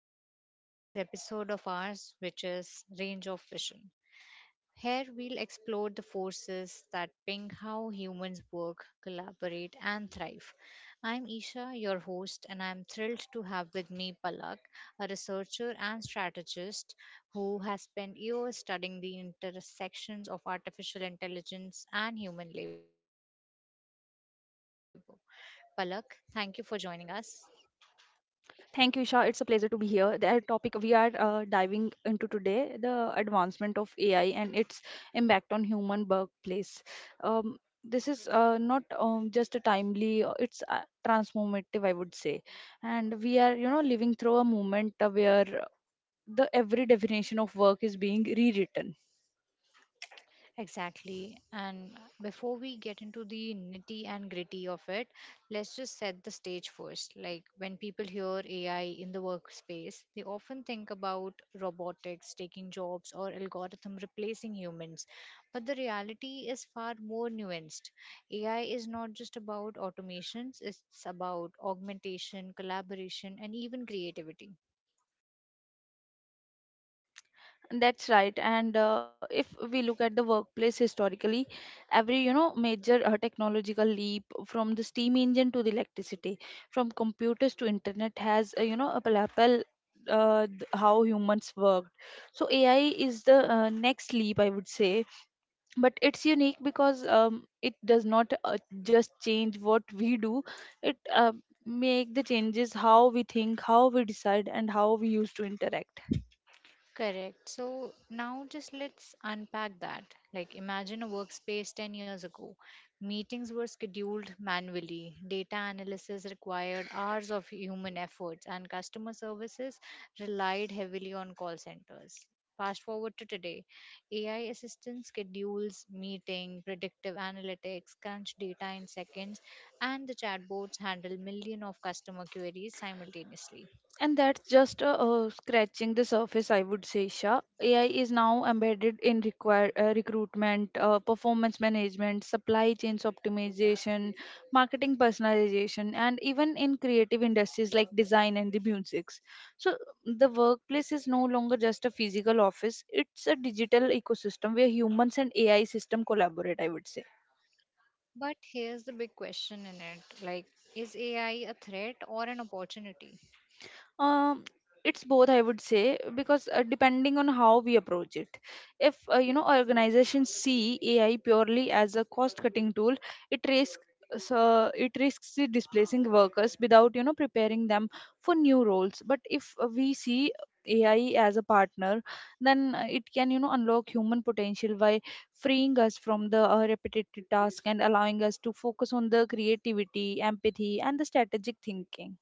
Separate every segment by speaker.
Speaker 1: everyone to today's episode of ours, which is Range of Vision. Here we'll explore the forces that ping how humans work, collaborate, and thrive. I'm Isha, your host, and I'm thrilled to have with me Palak, a researcher and strategist who has spent years studying the intersections of artificial intelligence and human labor. Palak, thank you for joining us.
Speaker 2: Thank you, Isha. It's a pleasure to be here. The topic we are diving into today, the advancement of AI and its impact on human workplace. Um, this is not just a timely; it's transformative, I would say. And we are, you know, living through a moment where the every definition of work is being rewritten.
Speaker 1: Exactly. And before we get into the nitty and gritty of it, let's just set the stage first. Like when people hear AI in the workspace, they often think about robotics taking jobs or algorithm replacing humans. But the reality is far more nuanced. AI is not just about automations, it's about augmentation, collaboration, and even creativity.
Speaker 2: That's right. And if we look at the workplace historically, every you know major technological leap from the steam engine to the electricity, from computers to internet has you know a palpable how humans worked. So AI is the next leap, I would say, but it's unique because it does not just change what we do; it make the changes how we think, how we decide, and how we used to interact.
Speaker 1: Correct. So now just let's unpack that. Like imagine a workspace 10 years ago. Meetings were scheduled manually, data analysis required hours of human efforts, and customer services relied heavily on call centers. Fast forward to today, AI assistant schedules meeting, predictive analytics, crunch data in seconds, and the chatbots handle millions of customer queries simultaneously.
Speaker 2: And that's just scratching the surface, I would say, Shah. AI is now embedded in recruitment, performance management, supply chains optimization, marketing personalization, and even in creative industries like design and the musics. So the workplace is no longer just a physical office; it's a digital ecosystem where humans and AI system collaborate, I would say.
Speaker 1: But here's the big question in it like, is AI a threat or an opportunity?
Speaker 2: um it's both, I would say, because depending on how we approach it, if you know organizations see AI purely as a cost cutting tool, it risks so it risks the displacing workers without you know preparing them for new roles. But if we see AI as a partner, then it can you know unlock human potential by freeing us from the repetitive task and allowing us to focus on the creativity, empathy, and the strategic thinking.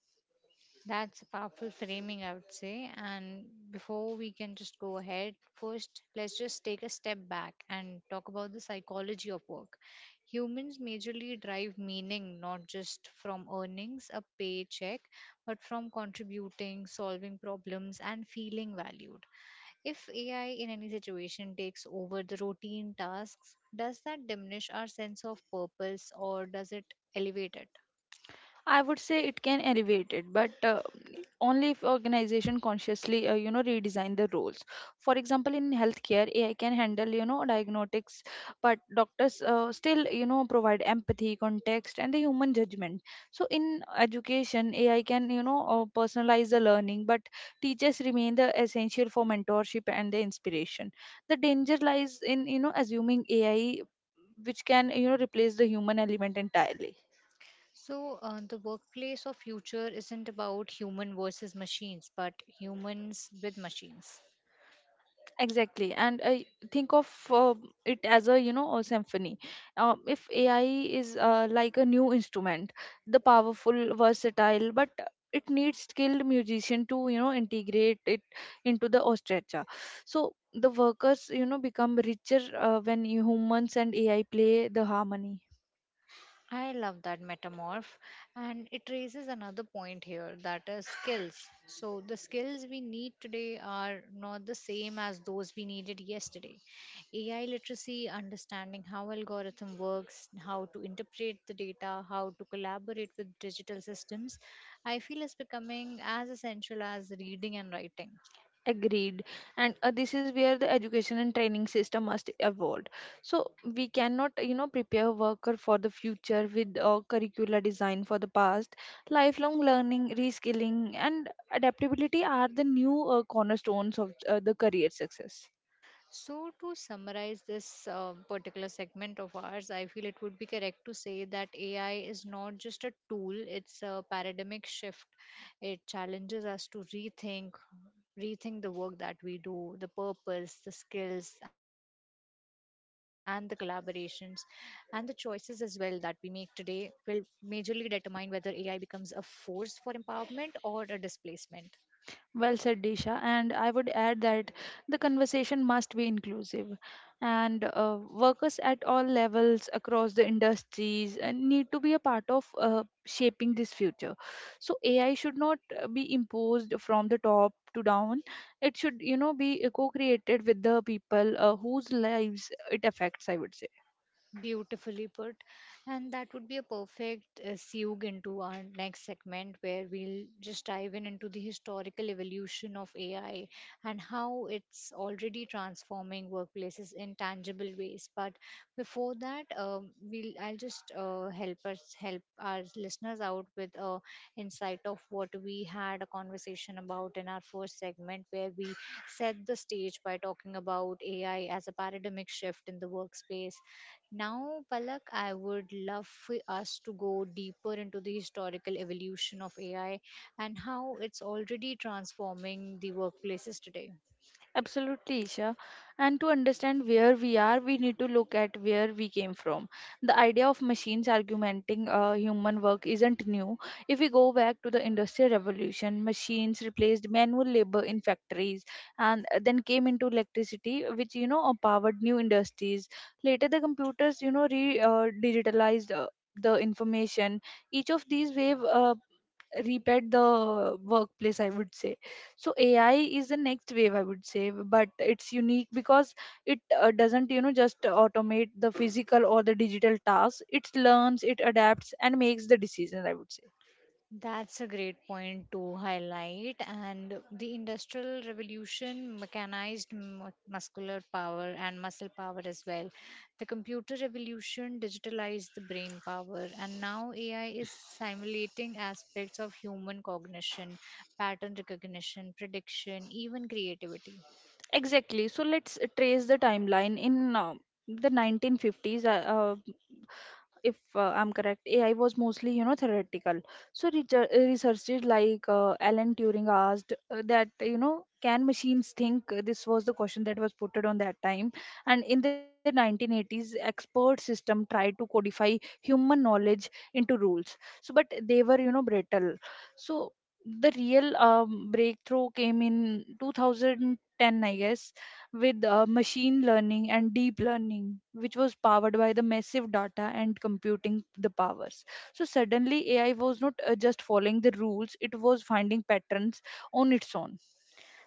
Speaker 1: That's a powerful framing, I would say. And before we can just go ahead, first, let's just take a step back and talk about the psychology of work. Humans majorly derive meaning not just from earnings, a paycheck, but from contributing, solving problems, and feeling valued. If AI in any situation takes over the routine tasks, does that diminish our sense of purpose or does it elevate it?
Speaker 2: I would say it can elevate it, but only if organization consciously, you know, redesign the roles. For example, in healthcare, AI can handle, you know, diagnostics, but doctors still, you know, provide empathy, context, and the human judgment. So in education, AI can, you know, personalize the learning, but teachers remain the essential for mentorship and the inspiration. The danger lies in, you know, assuming AI, which can, you know, replace the human element entirely.
Speaker 1: So, the workplace of future isn't about human versus machines, but humans with machines.
Speaker 2: Exactly. And I think of it as a you know a symphony. If AI is like a new instrument, the powerful versatile, but it needs skilled musician to you know integrate it into the orchestra. So the workers you know become richer when humans and AI play the harmony.
Speaker 1: I love that metamorph, and it raises another point here that is skills. So, the skills we need today are not the same as those we needed yesterday. AI literacy, understanding how algorithm works, how to interpret the data, how to collaborate with digital systems, I feel is becoming as essential as reading and writing.
Speaker 2: Agreed. And this is where the education and training system must evolve. So we cannot you know prepare worker for the future with curricular design for the past. Lifelong learning, reskilling, and adaptability are the new cornerstones of the career success.
Speaker 1: So, to summarize this particular segment of ours, I feel it would be correct to say that AI is not just a tool, it's a paradigmic shift. It challenges us to rethink the work that we do, the purpose, the skills, and the collaborations, and the choices as well that we make today will majorly determine whether AI becomes a force for empowerment or a displacement.
Speaker 2: Well said, Disha. And I would add that the conversation must be inclusive. And workers at all levels across the industries need to be a part of shaping this future. So AI should not be imposed from the top to down. It should, you know, be co-created with the people whose lives it affects, I would say.
Speaker 1: Beautifully put. And that would be a perfect segue into our next segment where we'll just dive in into the historical evolution of AI and how it's already transforming workplaces in tangible ways. But before that, we'll I'll just help us help our listeners out with a insight of what we had a conversation about in our first segment where we set the stage by talking about AI as a paradigmic shift in the workspace. Now, Palak, I would love for us to go deeper into the historical evolution of AI and how it's already transforming the workplaces today.
Speaker 2: Absolutely, Isha. And to understand where we are, we need to look at where we came from. The idea of machines augmenting human work isn't new. If we go back to the Industrial Revolution, machines replaced manual labor in factories, and then came into electricity, which, you know, powered new industries. Later, the computers, you know, re digitalized the information. Each of these wave repeat the workplace, I would say. So AI is the next wave, I would say, but it's unique because it doesn't you know just automate the physical or the digital tasks. It learns, it adapts, and makes the decisions, I would say.
Speaker 1: That's a great point to highlight. And the industrial revolution mechanized muscular power and muscle power as well. The computer revolution digitalized the brain power. And now AI is simulating aspects of human cognition, pattern recognition, prediction, even creativity.
Speaker 2: Exactly. So let's trace the timeline. In the 1950s, if I'm correct, AI was mostly you know theoretical. So researchers like Alan Turing asked that you know can machines think. This was the question that was put on that time. And in the 1980s, expert system tried to codify human knowledge into rules. So but they were you know brittle. So the real breakthrough came in 2010, I guess, with machine learning and deep learning, which was powered by the massive data and computing the powers. So suddenly, AI was not just following the rules, it was finding patterns on its own.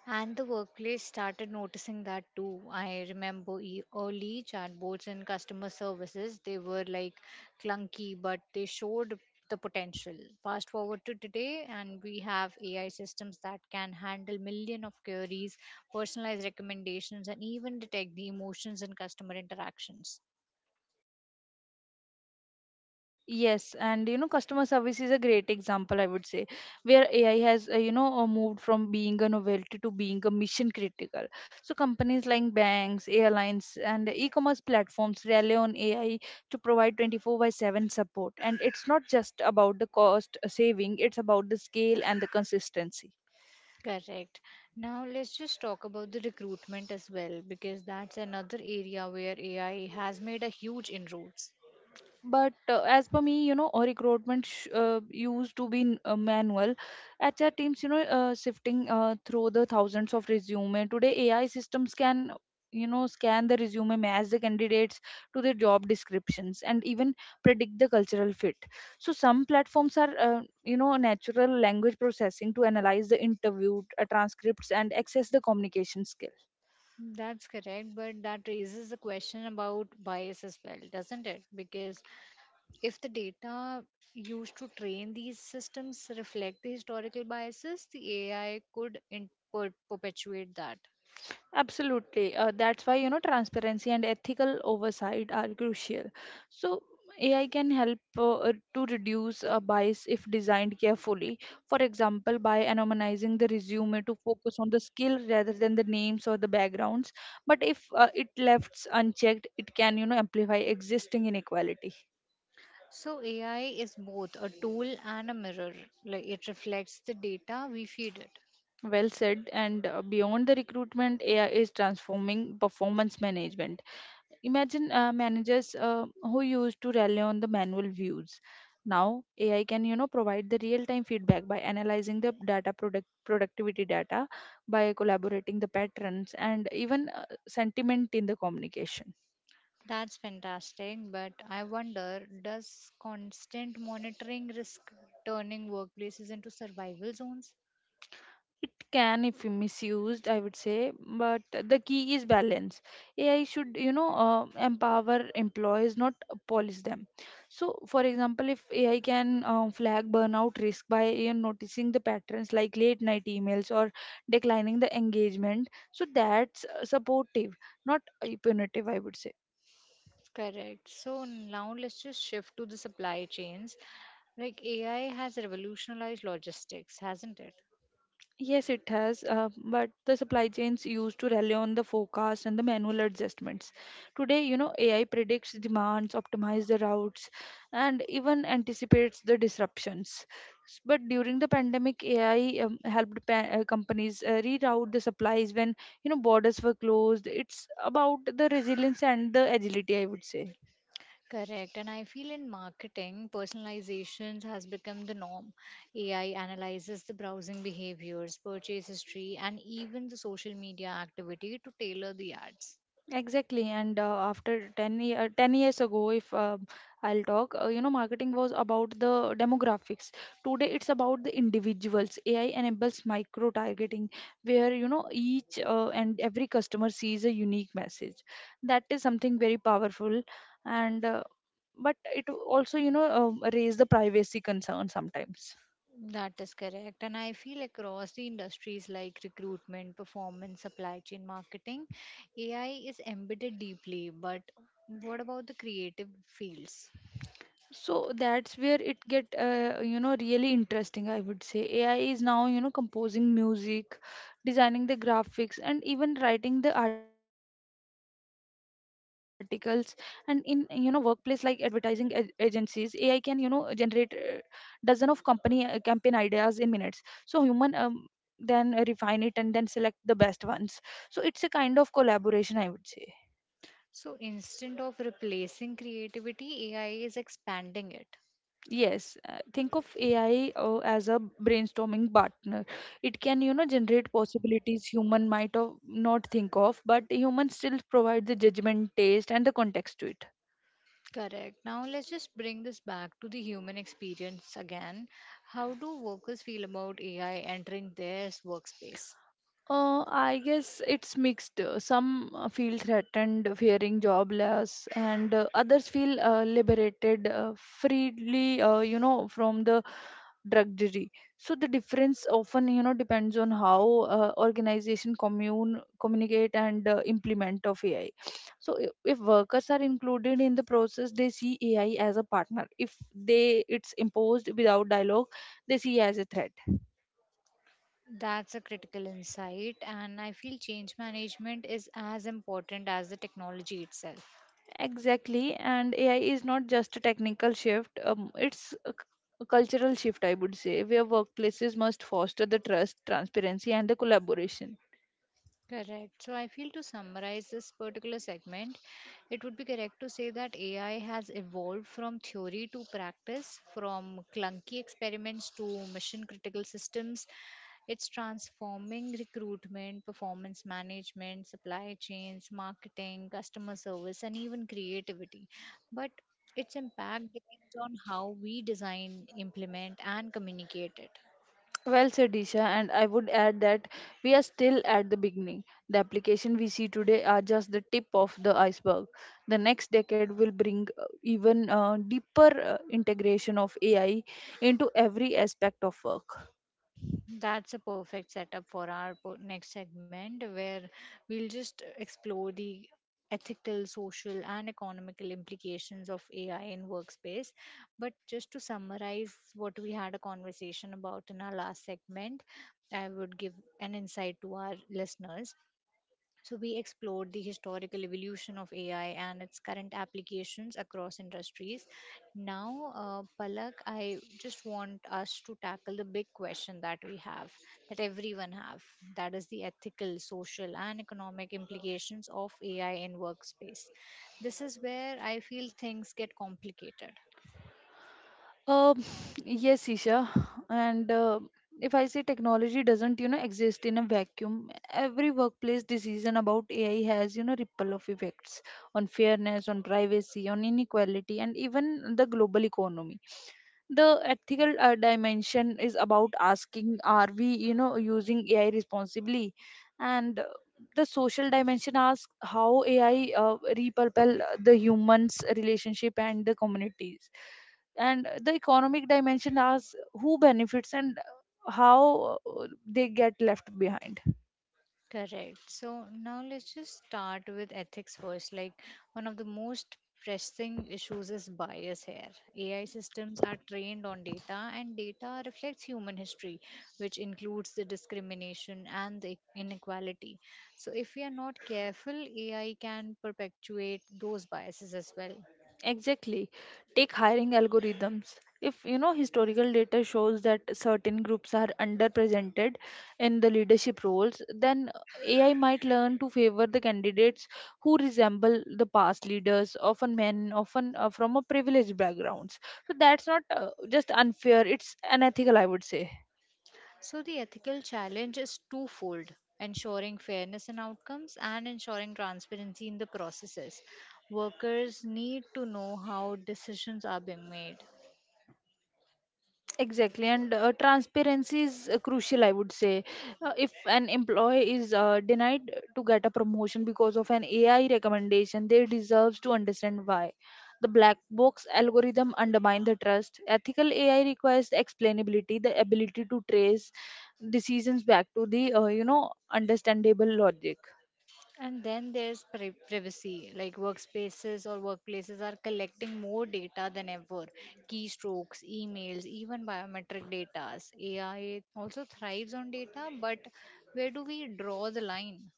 Speaker 1: And the workplace started noticing that too. I remember early chatbots in customer services, they were like clunky, but they showed the potential. Fast forward to today, and we have AI systems that can handle million of queries, personalized recommendations, and even detect the emotions in customer interactions.
Speaker 2: Yes, and you know, customer service is a great example, I would say, where AI has, you know, moved from being a novelty to being a mission critical. So, companies like banks, airlines, and e commerce platforms rely on AI to provide 24 by 7 support. And it's not just about the cost saving, it's about the scale and the consistency.
Speaker 1: Correct. Now let's just talk about the recruitment as well, because that's another area where AI has made a huge inroads.
Speaker 2: But as per me you know used to be manual. HR teams you know sifting through the thousands of resume. Today AI systems can you know scan the resume, match the candidates to their job descriptions, and even predict the cultural fit. So some platforms are you know natural language processing to analyze the interview transcripts and access the communication skills.
Speaker 1: That's correct, but that raises a question about bias as well, doesn't it? Because if the data used to train these systems reflect the historical biases, the AI could perpetuate that.
Speaker 2: Absolutely. That's why, you know, transparency and ethical oversight are crucial. So, AI can help to reduce bias if designed carefully. For example, by anonymizing the resume to focus on the skill rather than the names or the backgrounds. But if it left unchecked, it can, you know, amplify existing inequality.
Speaker 1: So AI is both a tool and a mirror. Like it reflects the data we feed it.
Speaker 2: Well said. And beyond the recruitment, AI is transforming performance management. Imagine managers who used to rely on the manual views. Now AI can you know provide the real-time feedback by analyzing the data product productivity data, by collaborating the patterns, and even sentiment in the communication.
Speaker 1: That's fantastic, but I wonder does constant monitoring risk turning workplaces into survival zones?
Speaker 2: It can if misused, I would say, but the key is balance. AI should, you know, empower employees, not polish them. So, for example, if AI can flag burnout risk by you know, noticing the patterns like late night emails or declining the engagement, so that's supportive, not punitive, I would say.
Speaker 1: Correct. So now let's just shift to the supply chains. Like AI has revolutionized logistics, hasn't it?
Speaker 2: Yes, it has, but the supply chains used to rely on the forecast and the manual adjustments. Today, you know, AI predicts demands, optimizes the routes, and even anticipates the disruptions. But during the pandemic, AI helped companies reroute the supplies when, you know, borders were closed. It's about the resilience and the agility, I would say.
Speaker 1: Correct. And I feel in marketing, personalizations has become the norm. AI analyzes the browsing behaviors, purchase history, and even the social media activity to tailor the ads.
Speaker 2: Exactly, and after 10 years ago, if I'll talk, you know, marketing was about the demographics. Today, it's about the individuals. AI enables micro targeting, where you know each and every customer sees a unique message. That is something very powerful, and but it also you know raise the privacy concern sometimes.
Speaker 1: That is correct. And I feel across the industries like recruitment, performance, supply chain, marketing, AI is embedded deeply. But what about the creative fields?
Speaker 2: So that's where it get you know really interesting, I would say. AI is now you know composing music, designing the graphics, and even writing the articles. And in you know workplace like advertising agencies, AI can you know generate dozen of company campaign ideas in minutes. So human then refine it and then select the best ones. So it's a kind of collaboration, I would say.
Speaker 1: So instead of replacing creativity, AI is expanding it.
Speaker 2: Yes, think of AI as a brainstorming partner. It can, you know, generate possibilities human might of not think of, but humans still provide the judgment, taste, and the context to it.
Speaker 1: Correct. Now let's just bring this back to the human experience again. How do workers feel about AI entering their workspace?
Speaker 2: I guess it's mixed. Some feel threatened, fearing job loss, and others feel liberated freely, you know, from the drudgery. So the difference often, you know, depends on how organization commune communicate and implement of AI. So if workers are included in the process, they see AI as a partner. If they it's imposed without dialogue, they see as a threat.
Speaker 1: That's a critical insight, and I feel change management is as important as the technology itself.
Speaker 2: Exactly, and AI is not just a technical shift, it's a cultural shift, I would say, where workplaces must foster the trust, transparency, and the collaboration.
Speaker 1: Correct. So I feel to summarize this particular segment, it would be correct to say that AI has evolved from theory to practice, from clunky experiments to mission critical systems. It's transforming recruitment, performance management, supply chains, marketing, customer service, and even creativity. But its impact depends on how we design, implement, and communicate it.
Speaker 2: Well said, Disha, and I would add that we are still at the beginning. The application we see today are just the tip of the iceberg. The next decade will bring even deeper integration of AI into every aspect of work.
Speaker 1: That's a perfect setup for our next segment where we'll just explore the ethical, social, and economical implications of AI in workspace. But just to summarize what we had a conversation about in our last segment, I would give an insight to our listeners. So, we explored the historical evolution of AI and its current applications across industries. Now, Palak, I just want us to tackle the big question that we have, that everyone have, that is the ethical, social, and economic implications of AI in workspace. This is where I feel things get complicated.
Speaker 2: Um, yes, Isha. And if I say technology doesn't exist in a vacuum, every workplace decision about AI has, you know, ripple of effects on fairness, on privacy, on inequality, and even the global economy. The ethical dimension is about asking, are we using AI responsibly? And the social dimension asks how AI repurpose the humans relationship and the communities, and the economic dimension asks who benefits and how they get left behind.
Speaker 1: Correct. So now let's just start with ethics first. Like one of the most pressing issues is bias here. AI systems are trained on data, and data reflects human history, which includes the discrimination and the inequality. So if we are not careful, AI can perpetuate those biases as well.
Speaker 2: Exactly. Take hiring algorithms. If historical data shows that certain groups are underrepresented in the leadership roles, then AI might learn to favor the candidates who resemble the past leaders, often men, often from a privileged backgrounds. So that's not just unfair; it's unethical, I would say.
Speaker 1: So, the ethical challenge is twofold ensuring fairness in outcomes and ensuring transparency in the processes. Workers need to know how decisions are being made.
Speaker 2: Exactly, and transparency is crucial, I would say. If an employee is denied to get a promotion because of an AI recommendation, they deserves to understand why. The black box algorithm undermine the trust. Ethical AI requires explainability, the ability to trace decisions back to the understandable logic.
Speaker 1: And then there's privacy, like workspaces or workplaces are collecting more data than ever keystrokes, emails, even biometric data. AI also thrives on data, but where do we draw the line?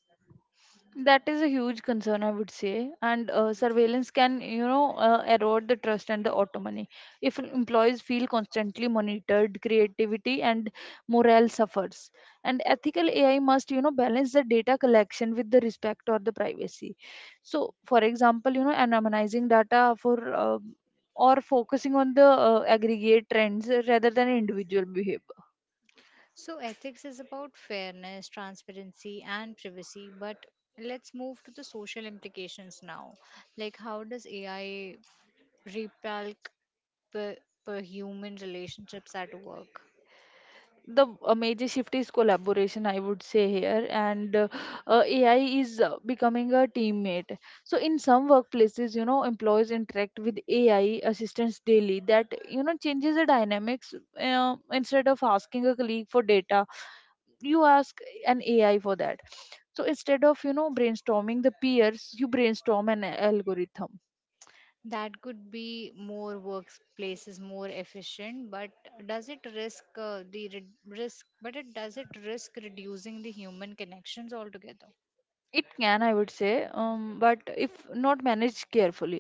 Speaker 2: That is a huge concern, I would say. And surveillance can, erode the trust and the autonomy. If employees feel constantly monitored, creativity and morale suffers. And ethical AI must, balance the data collection with the respect or the privacy. So, for example, anonymizing data for or focusing on the aggregate trends rather than individual behavior.
Speaker 1: So, ethics is about fairness, transparency, and privacy, but let's move to the social implications now. Like, how does AI repel per, per human relationships at work?
Speaker 2: The major shift is collaboration, I would say here, and AI is becoming a teammate. So in some workplaces, employees interact with AI assistants daily. That changes the dynamics. Instead of asking a colleague for data, you ask an AI for that. So instead of, brainstorming the peers, you brainstorm an algorithm.
Speaker 1: That could be more workplaces more efficient, but does it risk risk? But it does it risk reducing the human connections altogether?
Speaker 2: It can, I would say, but if not managed carefully.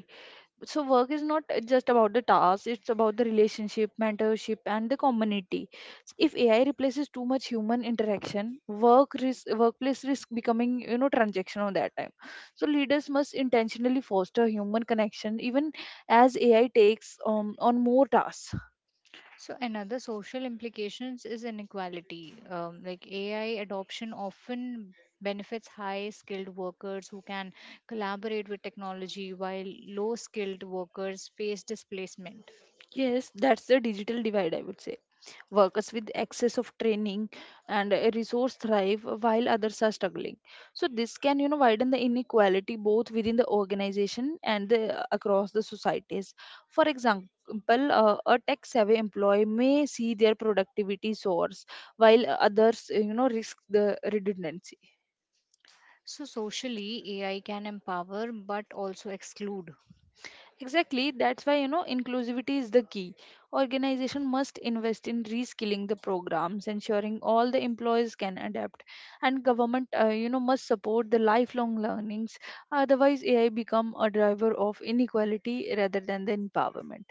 Speaker 2: So work is not just about the task; it's about the relationship, mentorship, and the community. So, if AI replaces too much human interaction, workplace risk becoming, transactional that time. So leaders must intentionally foster human connection even as AI takes on more tasks.
Speaker 1: So another social implications is inequality. Like AI adoption often benefits high skilled workers who can collaborate with technology while low skilled workers face displacement.
Speaker 2: Yes, that's the digital divide, I would say. Workers with access of training and a resource thrive while others are struggling. So this can, widen the inequality both within the organization and across the societies. For example, a tech savvy employee may see their productivity source, while others, risk the redundancy.
Speaker 1: So socially AI can empower but also exclude.
Speaker 2: Exactly, that's why, inclusivity is the key. Organization must invest in reskilling the programs, ensuring all the employees can adapt, and government, must support the lifelong learnings. Otherwise, AI become a driver of inequality rather than the empowerment.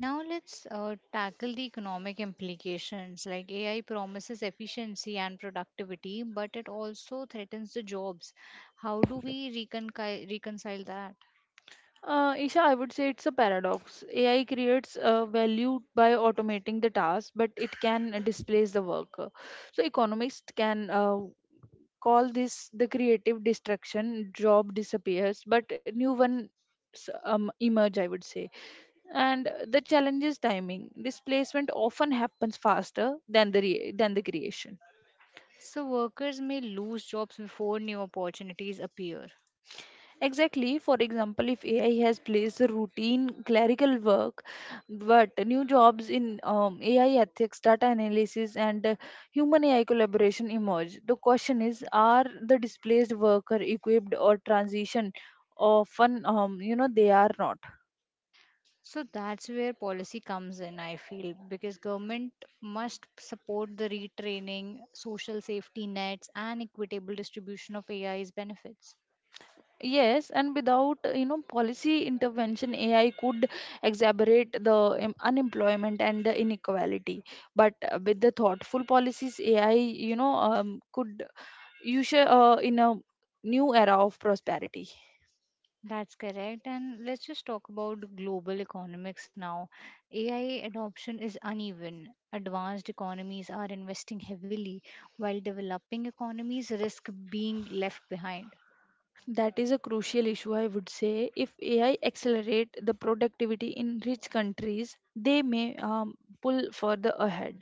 Speaker 1: Now let's tackle the economic implications. Like AI promises efficiency and productivity but it also threatens the jobs. How do we reconcile that?
Speaker 2: Isha, I would say it's a paradox. AI creates value by automating the task, but it can displace the worker. So economists can call this the creative destruction. Job disappears but new ones emerge, I would say. And the challenge is timing. Displacement often happens faster than than the creation.
Speaker 1: So, workers may lose jobs before new opportunities appear.
Speaker 2: Exactly. For example, if AI has placed the routine clerical work, but new jobs in AI ethics, data analysis, and human AI collaboration emerge. The question is, are the displaced worker equipped or transition? Often, they are not.
Speaker 1: So, that's where policy comes in, I feel, because government must support the retraining, social safety nets, and equitable distribution of AI's benefits.
Speaker 2: Yes, and without, policy intervention, AI could exacerbate the unemployment and the inequality. But with the thoughtful policies, AI, could you should in a new era of prosperity.
Speaker 1: That's correct. And let's just talk about global economics now. AI adoption is uneven. Advanced economies are investing heavily, while developing economies risk being left behind.
Speaker 2: That is a crucial issue, I would say. If AI accelerate the productivity in rich countries, they may pull further ahead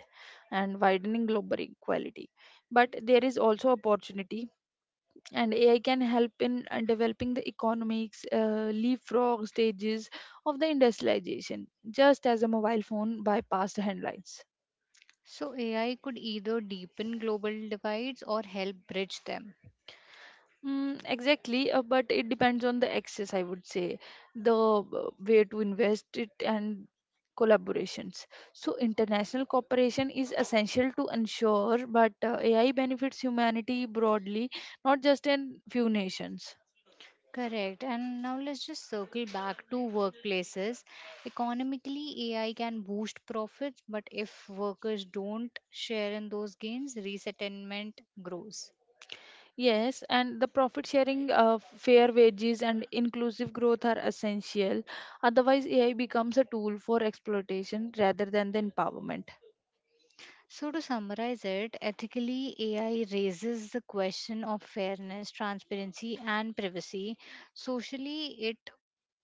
Speaker 2: and widening global equality. But there is also opportunity, and AI can help in developing the economics leapfrog stages of the industrialization, just as a mobile phone bypassed handlines.
Speaker 1: So AI could either deepen global divides or help bridge them.
Speaker 2: Mm, exactly, but it depends on the access, I would say, the way to invest it and collaborations. So, international cooperation is essential to ensure, but AI benefits humanity broadly, not just in few nations.
Speaker 1: Correct. And now let's just circle back to workplaces. Economically, AI can boost profits, but if workers don't share in those gains, resettlement grows.
Speaker 2: Yes, and the profit sharing, fair wages, and inclusive growth are essential. Otherwise, AI becomes a tool for exploitation rather than the empowerment.
Speaker 1: So, to summarize it, ethically, AI raises the question of fairness, transparency, and privacy. Socially, it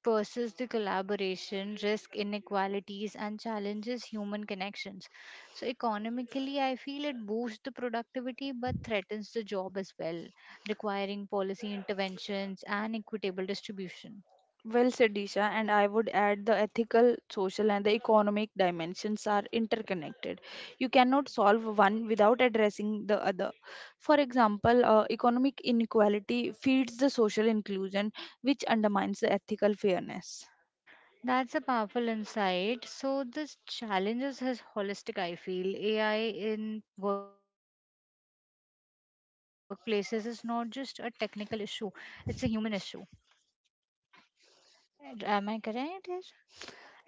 Speaker 1: pursues the collaboration, risk inequalities, and challenges human connections. So, economically, I feel it boosts the productivity but threatens the job as well, requiring policy interventions and equitable distribution.
Speaker 2: Well said, Disha, and I would add the ethical, social, and the economic dimensions are interconnected. You cannot solve one without addressing the other. For example, economic inequality feeds the social inclusion, which undermines the ethical fairness.
Speaker 1: That's a powerful insight. So, this challenges is holistic, I feel. AI in workplaces is not just a technical issue, it's a human issue. Am I correct? Yes?
Speaker 2: Exactly.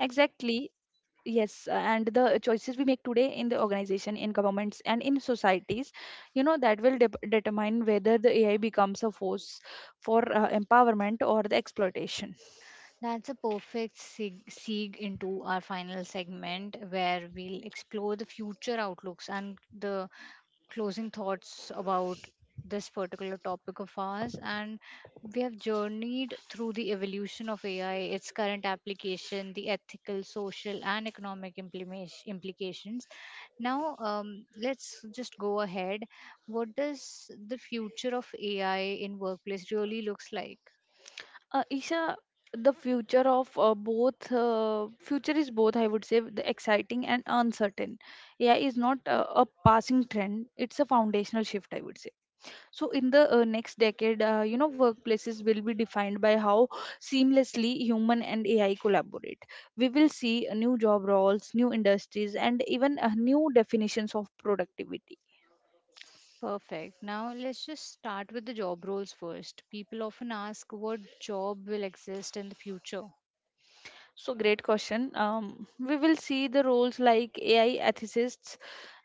Speaker 2: Yes, and the choices we make today in the organization, in governments, and in societies, that will determine whether the AI becomes a force for empowerment or the exploitation.
Speaker 1: That's a perfect segue into our final segment where we'll explore the future outlooks and the closing thoughts about this particular topic of ours. And we have journeyed through the evolution of AI, its current application, the ethical, social, and economic implications. Now, let's just go ahead. What does the future of AI in workplace really looks like?
Speaker 2: Isha, the future of both future is both, I would say, the exciting and uncertain. AI is not a passing trend; it's a foundational shift, I would say. So in the next decade, workplaces will be defined by how seamlessly human and AI collaborate. We will see new job roles, new industries, and even new definitions of productivity.
Speaker 1: Perfect. Now let's just start with the job roles first. People often ask what job will exist in the future.
Speaker 2: So, great question. We will see the roles like AI ethicists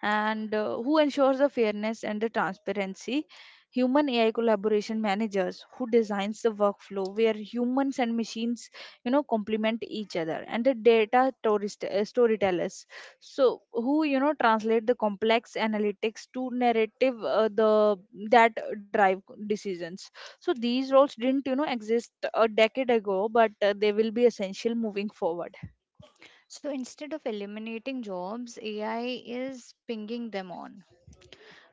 Speaker 2: and who ensures the fairness and the transparency, human AI collaboration managers who designs the workflow where humans and machines, complement each other, and the data tourist, storytellers, so who, translate the complex analytics to narrative the that drive decisions. So these roles didn't, exist a decade ago, but they will be essential moving forward.
Speaker 1: So instead of eliminating jobs, AI is pinging them on.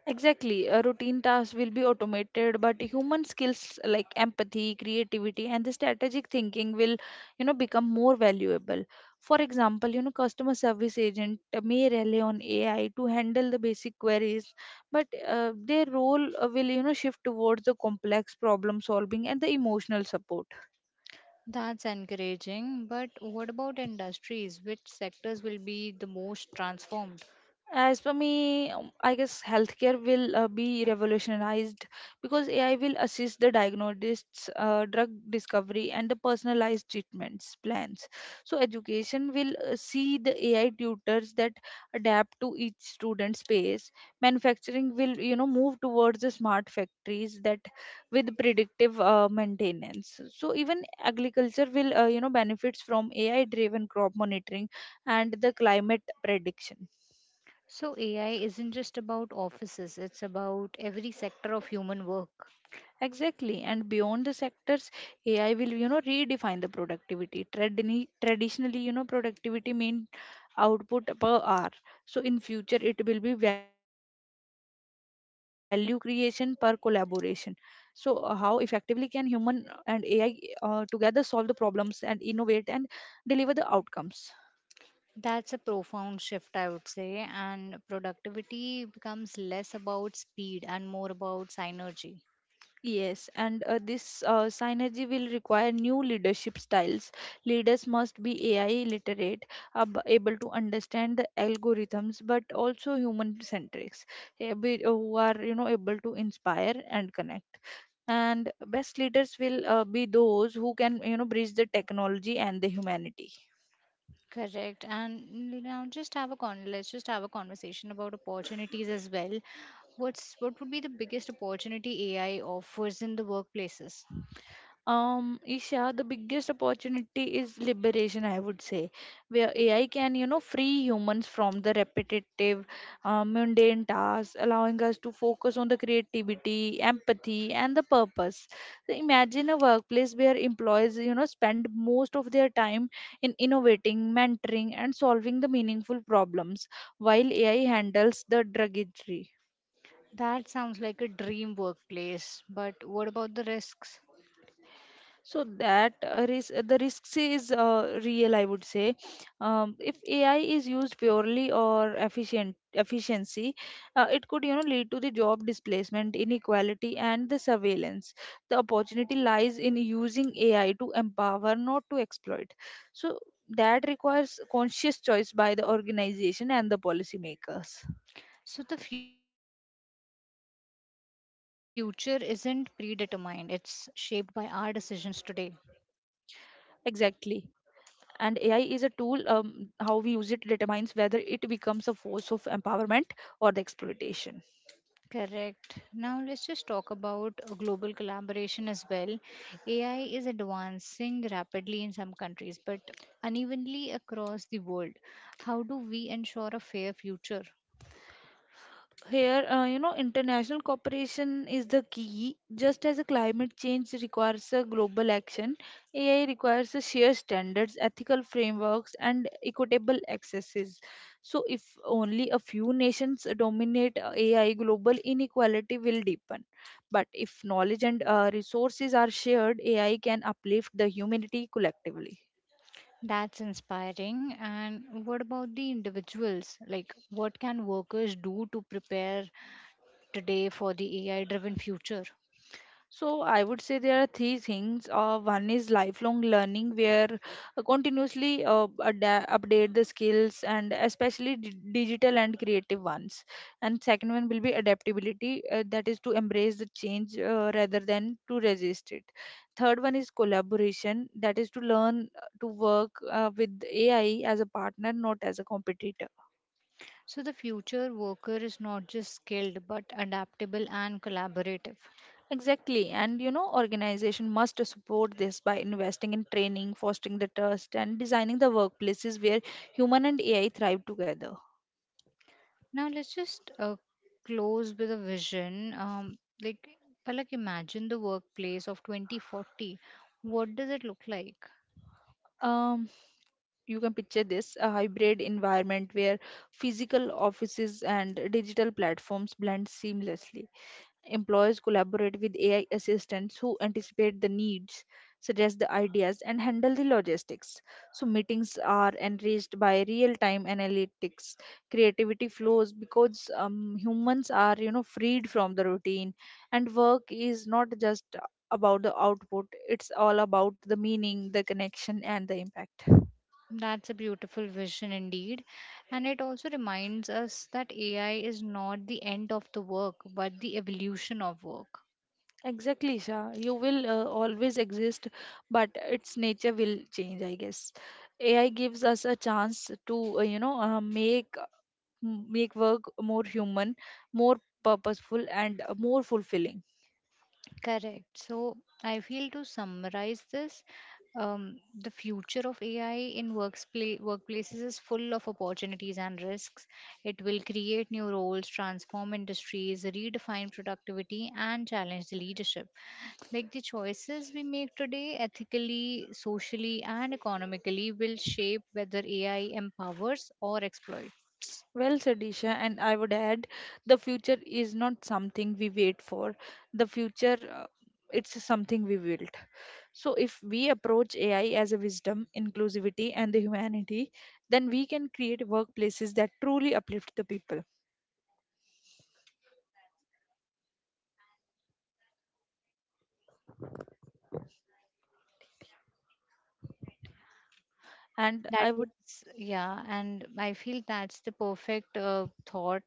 Speaker 2: Exactly, routine tasks will be automated, but human skills like empathy, creativity, and the strategic thinking will, become more valuable. For example, customer service agent may rely on AI to handle the basic queries, but their role will, shift towards the complex problem solving and the emotional support.
Speaker 1: That's encouraging, but what about industries? Which sectors will be the most transformed?
Speaker 2: As for me, I guess healthcare will be revolutionized because AI will assist the diagnostics, drug discovery, and the personalized treatments plans. So, education will see the AI tutors that adapt to each student's pace. Manufacturing will, move towards the smart factories that with predictive maintenance. So, even agriculture will, benefits from AI-driven crop monitoring and the climate prediction.
Speaker 1: So AI isn't just about offices, it's about every sector of human work.
Speaker 2: Exactly. And beyond the sectors, AI will, redefine the productivity. Traditionally, productivity mean output per hour. So in future, it will be value creation per collaboration. So how effectively can human and AI together solve the problems and innovate and deliver the outcomes?
Speaker 1: That's a profound shift, I would say, and productivity becomes less about speed and more about synergy.
Speaker 2: Yes, and this synergy will require new leadership styles. Leaders must be AI literate, able to understand the algorithms, but also human centrics, who are, able to inspire and connect. And best leaders will be those who can, bridge the technology and the humanity.
Speaker 1: Correct. And mm, you know, just have a con let's just have a conversation about opportunities as well. What would be the biggest opportunity AI offers in the workplaces?
Speaker 2: Isha, the biggest opportunity is liberation, I would say, where AI can, free humans from the repetitive, mundane tasks, allowing us to focus on the creativity, empathy, and the purpose. So imagine a workplace where employees, spend most of their time in innovating, mentoring, and solving the meaningful problems, while AI handles the drudgery.
Speaker 1: That sounds like a dream workplace, but what about the risks?
Speaker 2: So that the risks is real, I would say. If AI is used purely or efficient efficiency, it could, lead to the job displacement, inequality, and the surveillance. The opportunity lies in using AI to empower, not to exploit. So that requires conscious choice by the organization and the policymakers.
Speaker 1: So the future isn't predetermined. It's shaped by our decisions today.
Speaker 2: Exactly. And AI is a tool. How we use it determines whether it becomes a force of empowerment or the exploitation.
Speaker 1: Correct. Now let's just talk about global collaboration as well. AI is advancing rapidly in some countries, but unevenly across the world. How do we ensure a fair future?
Speaker 2: Here, international cooperation is the key. Just as a climate change requires a global action, AI requires a shared standards, ethical frameworks, and equitable accesses. So, if only a few nations dominate AI, global inequality will deepen. But if knowledge and resources are shared, AI can uplift the humanity collectively.
Speaker 1: That's inspiring. And what about the individuals? Like, what can workers do to prepare today for the AI driven future?
Speaker 2: So I would say there are three things. One is lifelong learning, where continuously update the skills, and especially digital and creative ones. And second one will be adaptability, that is to embrace the change rather than to resist it. Third one is collaboration, that is to learn to work with AI as a partner, not as a competitor.
Speaker 1: So, the future worker is not just skilled but adaptable and collaborative.
Speaker 2: Exactly. And, organization must support this by investing in training, fostering the trust, and designing the workplaces where human and AI thrive together.
Speaker 1: Now let's just close with a vision. Palak, imagine the workplace of 2040. What does it look like?
Speaker 2: Um, you can picture this a hybrid environment where physical offices and digital platforms blend seamlessly. Employers collaborate with AI assistants who anticipate the needs, suggest the ideas, and handle the logistics. So, meetings are enriched by real time analytics. Creativity flows because humans are, freed from the routine, and work is not just about the output, it's all about the meaning, the connection, and the impact.
Speaker 1: That's a beautiful vision indeed. And it also reminds us that AI is not the end of the work, but the evolution of work.
Speaker 2: Exactly, Shah. You will always exist, but its nature will change, I guess. AI gives us a chance to, make work more human, more purposeful, and more fulfilling.
Speaker 1: Correct. So I feel to summarize this, the future of AI in workplaces is full of opportunities and risks. It will create new roles, transform industries, redefine productivity, and challenge the leadership. Like the choices we make today, ethically, socially, and economically, will shape whether AI empowers or exploits.
Speaker 2: Well said, Isha, and I would add the future is not something we wait for. The future, it's something we build. So, if we approach AI as a wisdom, inclusivity, and the humanity, then we can create workplaces that truly uplift the people. And
Speaker 1: That
Speaker 2: I would.
Speaker 1: is, yeah, and I feel that's the perfect thought,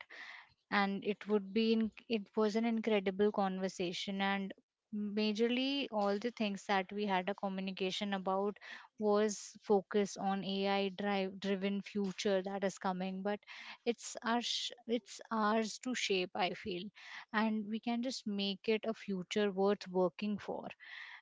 Speaker 1: and it would be in, it was an incredible conversation, and majorly all the things that we had a communication about was focus on AI driven future that is coming, but it's our sh- it's ours to shape, I feel, and we can just make it a future worth working for.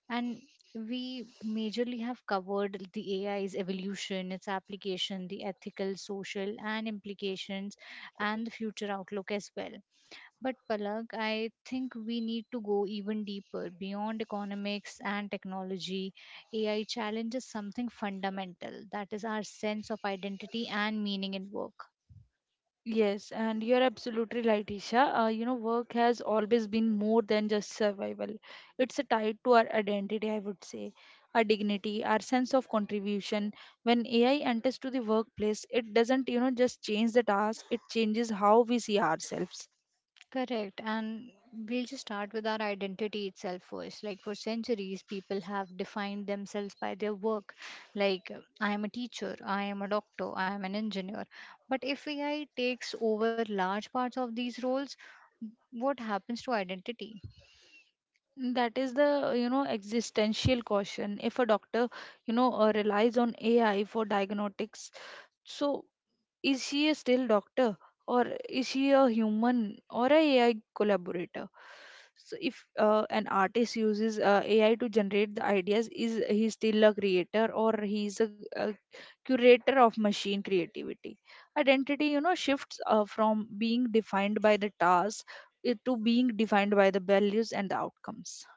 Speaker 1: And we majorly have covered the AI's evolution, its application, the ethical, social, and implications, and the future outlook as well. But Palak, I think we need to go even deeper beyond economics and technology. AI challenges something fundamental that is our sense of identity and meaning in work.
Speaker 2: Yes, and you're absolutely right, Isha. Work has always been more than just survival. It's a tied to our identity, I would say, our dignity, our sense of contribution. When AI enters to the workplace, it doesn't just change the task, it changes how we see ourselves.
Speaker 1: Correct. And we'll just start with our identity itself first. Like for centuries, people have defined themselves by their work. Like, I am a teacher, I am a doctor, I am an engineer. But if AI takes over large parts of these roles, what happens to identity?
Speaker 2: That is the existential caution. If a doctor, relies on AI for diagnostics, so is she a still doctor or is she a human or a AI collaborator? So if an artist uses AI to generate the ideas, is he still a creator or he is a curator of machine creativity? Identity, shifts from being defined by the task to being defined by the values and the outcomes.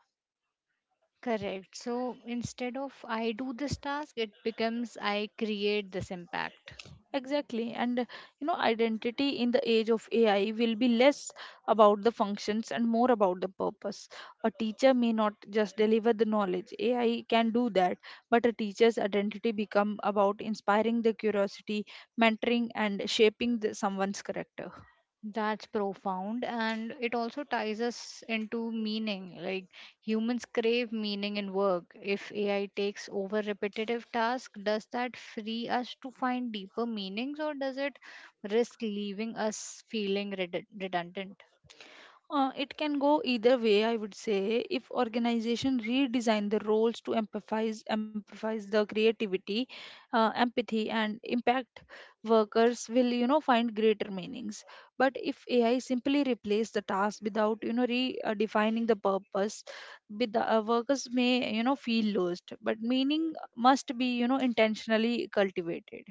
Speaker 1: Correct. So instead of I do this task, it becomes I create this impact.
Speaker 2: Exactly. And identity in the age of AI will be less about the functions and more about the purpose. A teacher may not just deliver the knowledge. AI can do that, but a teacher's identity become about inspiring the curiosity, mentoring and shaping someone's character.
Speaker 1: That's profound, and it also ties us into meaning. Like humans crave meaning in work. If AI takes over repetitive tasks, does that free us to find deeper meanings, or does it risk leaving us feeling redundant?
Speaker 2: It can go either way, I would say. If organization redesign the roles to emphasize the creativity, empathy, and impact, workers will find greater meanings. But if AI simply replace the task without redefining the purpose, with the workers may feel lost. But meaning must be intentionally cultivated.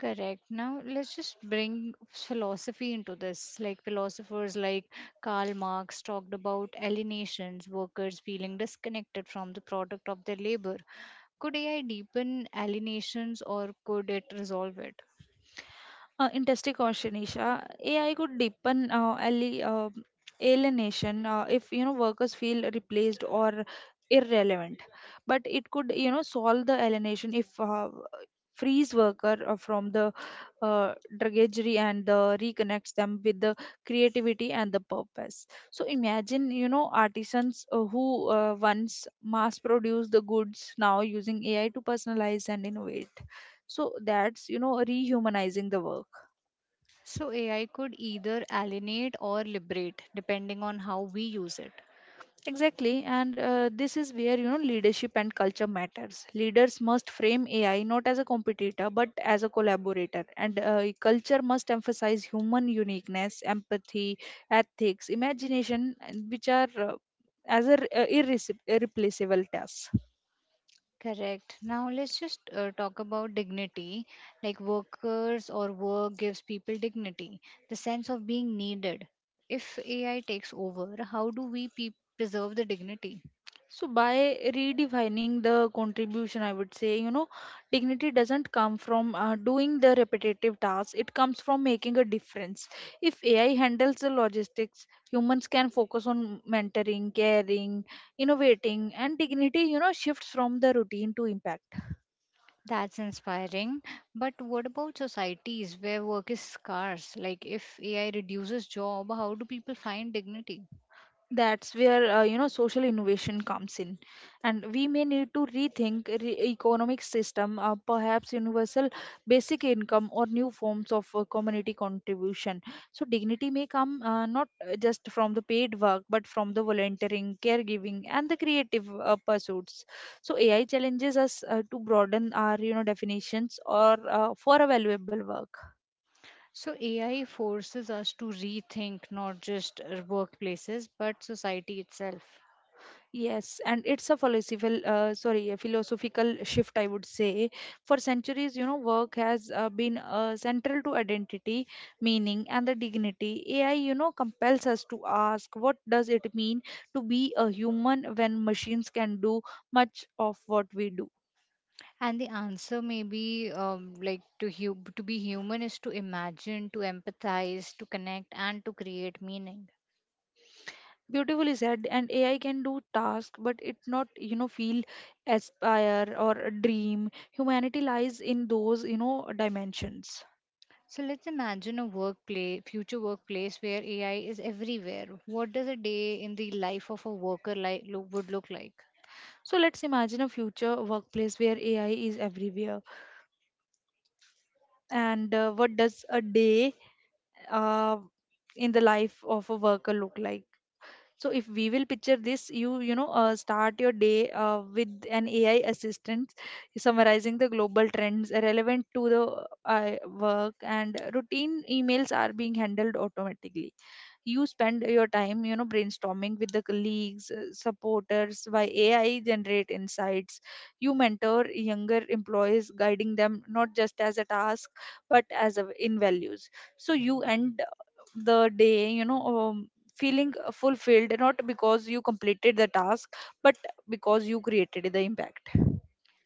Speaker 1: Correct. Now, let's just bring philosophy into this. Like philosophers like Karl Marx talked about alienations, workers feeling disconnected from the product of their labor. Could AI deepen alienations or could it resolve it?
Speaker 2: Interesting question, Isha. AI could deepen alienation if workers feel replaced or irrelevant, but it could solve the alienation if frees worker from the drudgery and the reconnects them with the creativity and the purpose. So imagine artisans who once mass produce the goods now using AI to personalize and innovate. So that's rehumanizing the work.
Speaker 1: So, AI could either alienate or liberate depending on how we use it.
Speaker 2: Exactly, and this is where leadership and culture matters. Leaders must frame AI not as a competitor but as a collaborator, and culture must emphasize human uniqueness, empathy, ethics, imagination, and which are as a, r- irrece- irreplaceable tasks.
Speaker 1: Correct. Now, let's just talk about dignity. Like workers or work gives people dignity, the sense of being needed. If AI takes over, how do we preserve the dignity?
Speaker 2: So by redefining the contribution, I would say, dignity doesn't come from doing the repetitive tasks. It comes from making a difference. If AI handles the logistics, humans can focus on mentoring, caring, innovating, and dignity, shifts from the routine to impact.
Speaker 1: That's inspiring. But what about societies where work is scarce? Like if AI reduces job, how do people find dignity?
Speaker 2: That's where social innovation comes in, and we may need to rethink economic system, perhaps universal basic income or new forms of community contribution. So dignity may come not just from the paid work but from the volunteering, caregiving and the creative pursuits. So AI challenges us to broaden our definitions or for a valuable work.
Speaker 1: So, AI forces us to rethink not just workplaces but society itself.
Speaker 2: Yes, and it's a philosophical, a philosophical shift, I would say. For centuries, work has been central to identity, meaning, and the dignity. AI, compels us to ask, what does it mean to be a human when machines can do much of what we do?
Speaker 1: And the answer may be to to be human is to imagine, to empathize, to connect, and to create meaning.
Speaker 2: Beautifully said, and AI can do tasks, but it not feel, aspire, or dream. Humanity lies in those, dimensions.
Speaker 1: So let's imagine a workplace, future workplace where AI is everywhere. What does a day in the life of a worker would look like?
Speaker 2: So let's imagine a future workplace where AI is everywhere. And what does a day uh, in the life of a worker look like? So if we will picture this, start your day with an AI assistant summarizing the global trends relevant to the uh, work, and routine emails are being handled automatically. You spend your time brainstorming with the colleagues, supporters by AI generate insights. You mentor younger employees, guiding them not just as a task but as a, in values. So you end the day, feeling fulfilled not because you completed the task but because you created the impact.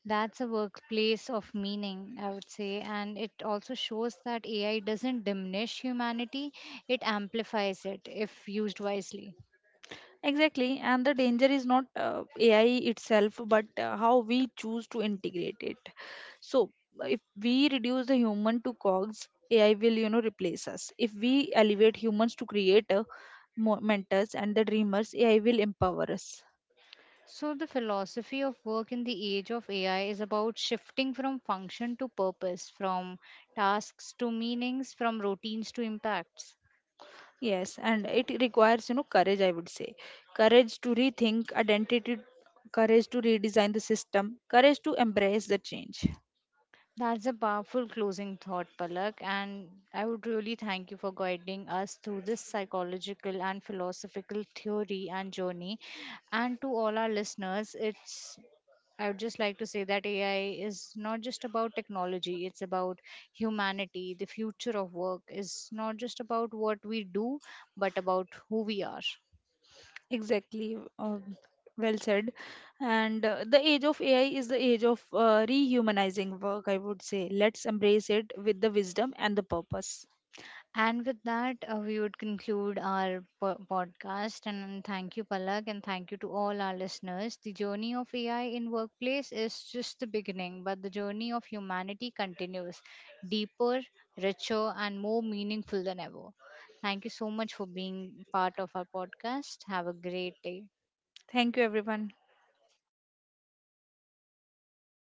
Speaker 1: That's a workplace of meaning, I would say. And it also shows that AI doesn't diminish humanity, it amplifies it if used wisely.
Speaker 2: Exactly, and the danger is not AI itself, but how we choose to integrate it. So, if we reduce the human to cogs, AI will, replace us. If we elevate humans to creator, mentors, and the dreamers, AI will empower us.
Speaker 1: So, the philosophy of work in the age of AI is about shifting from function to purpose, from tasks to meanings, from routines to impacts.
Speaker 2: Yes, and it requires, courage, I would say. Courage to rethink identity, courage to redesign the system, courage to embrace the change.
Speaker 1: That's a powerful closing thought, Palak. And I would really thank you for guiding us through this psychological and philosophical theory and journey. And to all our listeners, it's I would just like to say that AI is not just about technology, it's about humanity. The future of work is not just about what we do, but about who we are.
Speaker 2: Exactly. Well said. And the age of AI is the age of rehumanizing work, I would say. Let's embrace it with the wisdom and the purpose.
Speaker 1: And with that, we would conclude our podcast. And thank you, Palak, and thank you to all our listeners. The journey of AI in workplace is just the beginning, but the journey of humanity continues, deeper, richer, and more meaningful than ever. Thank you so much for being part of our podcast. Have a great day.
Speaker 2: Thank you, everyone.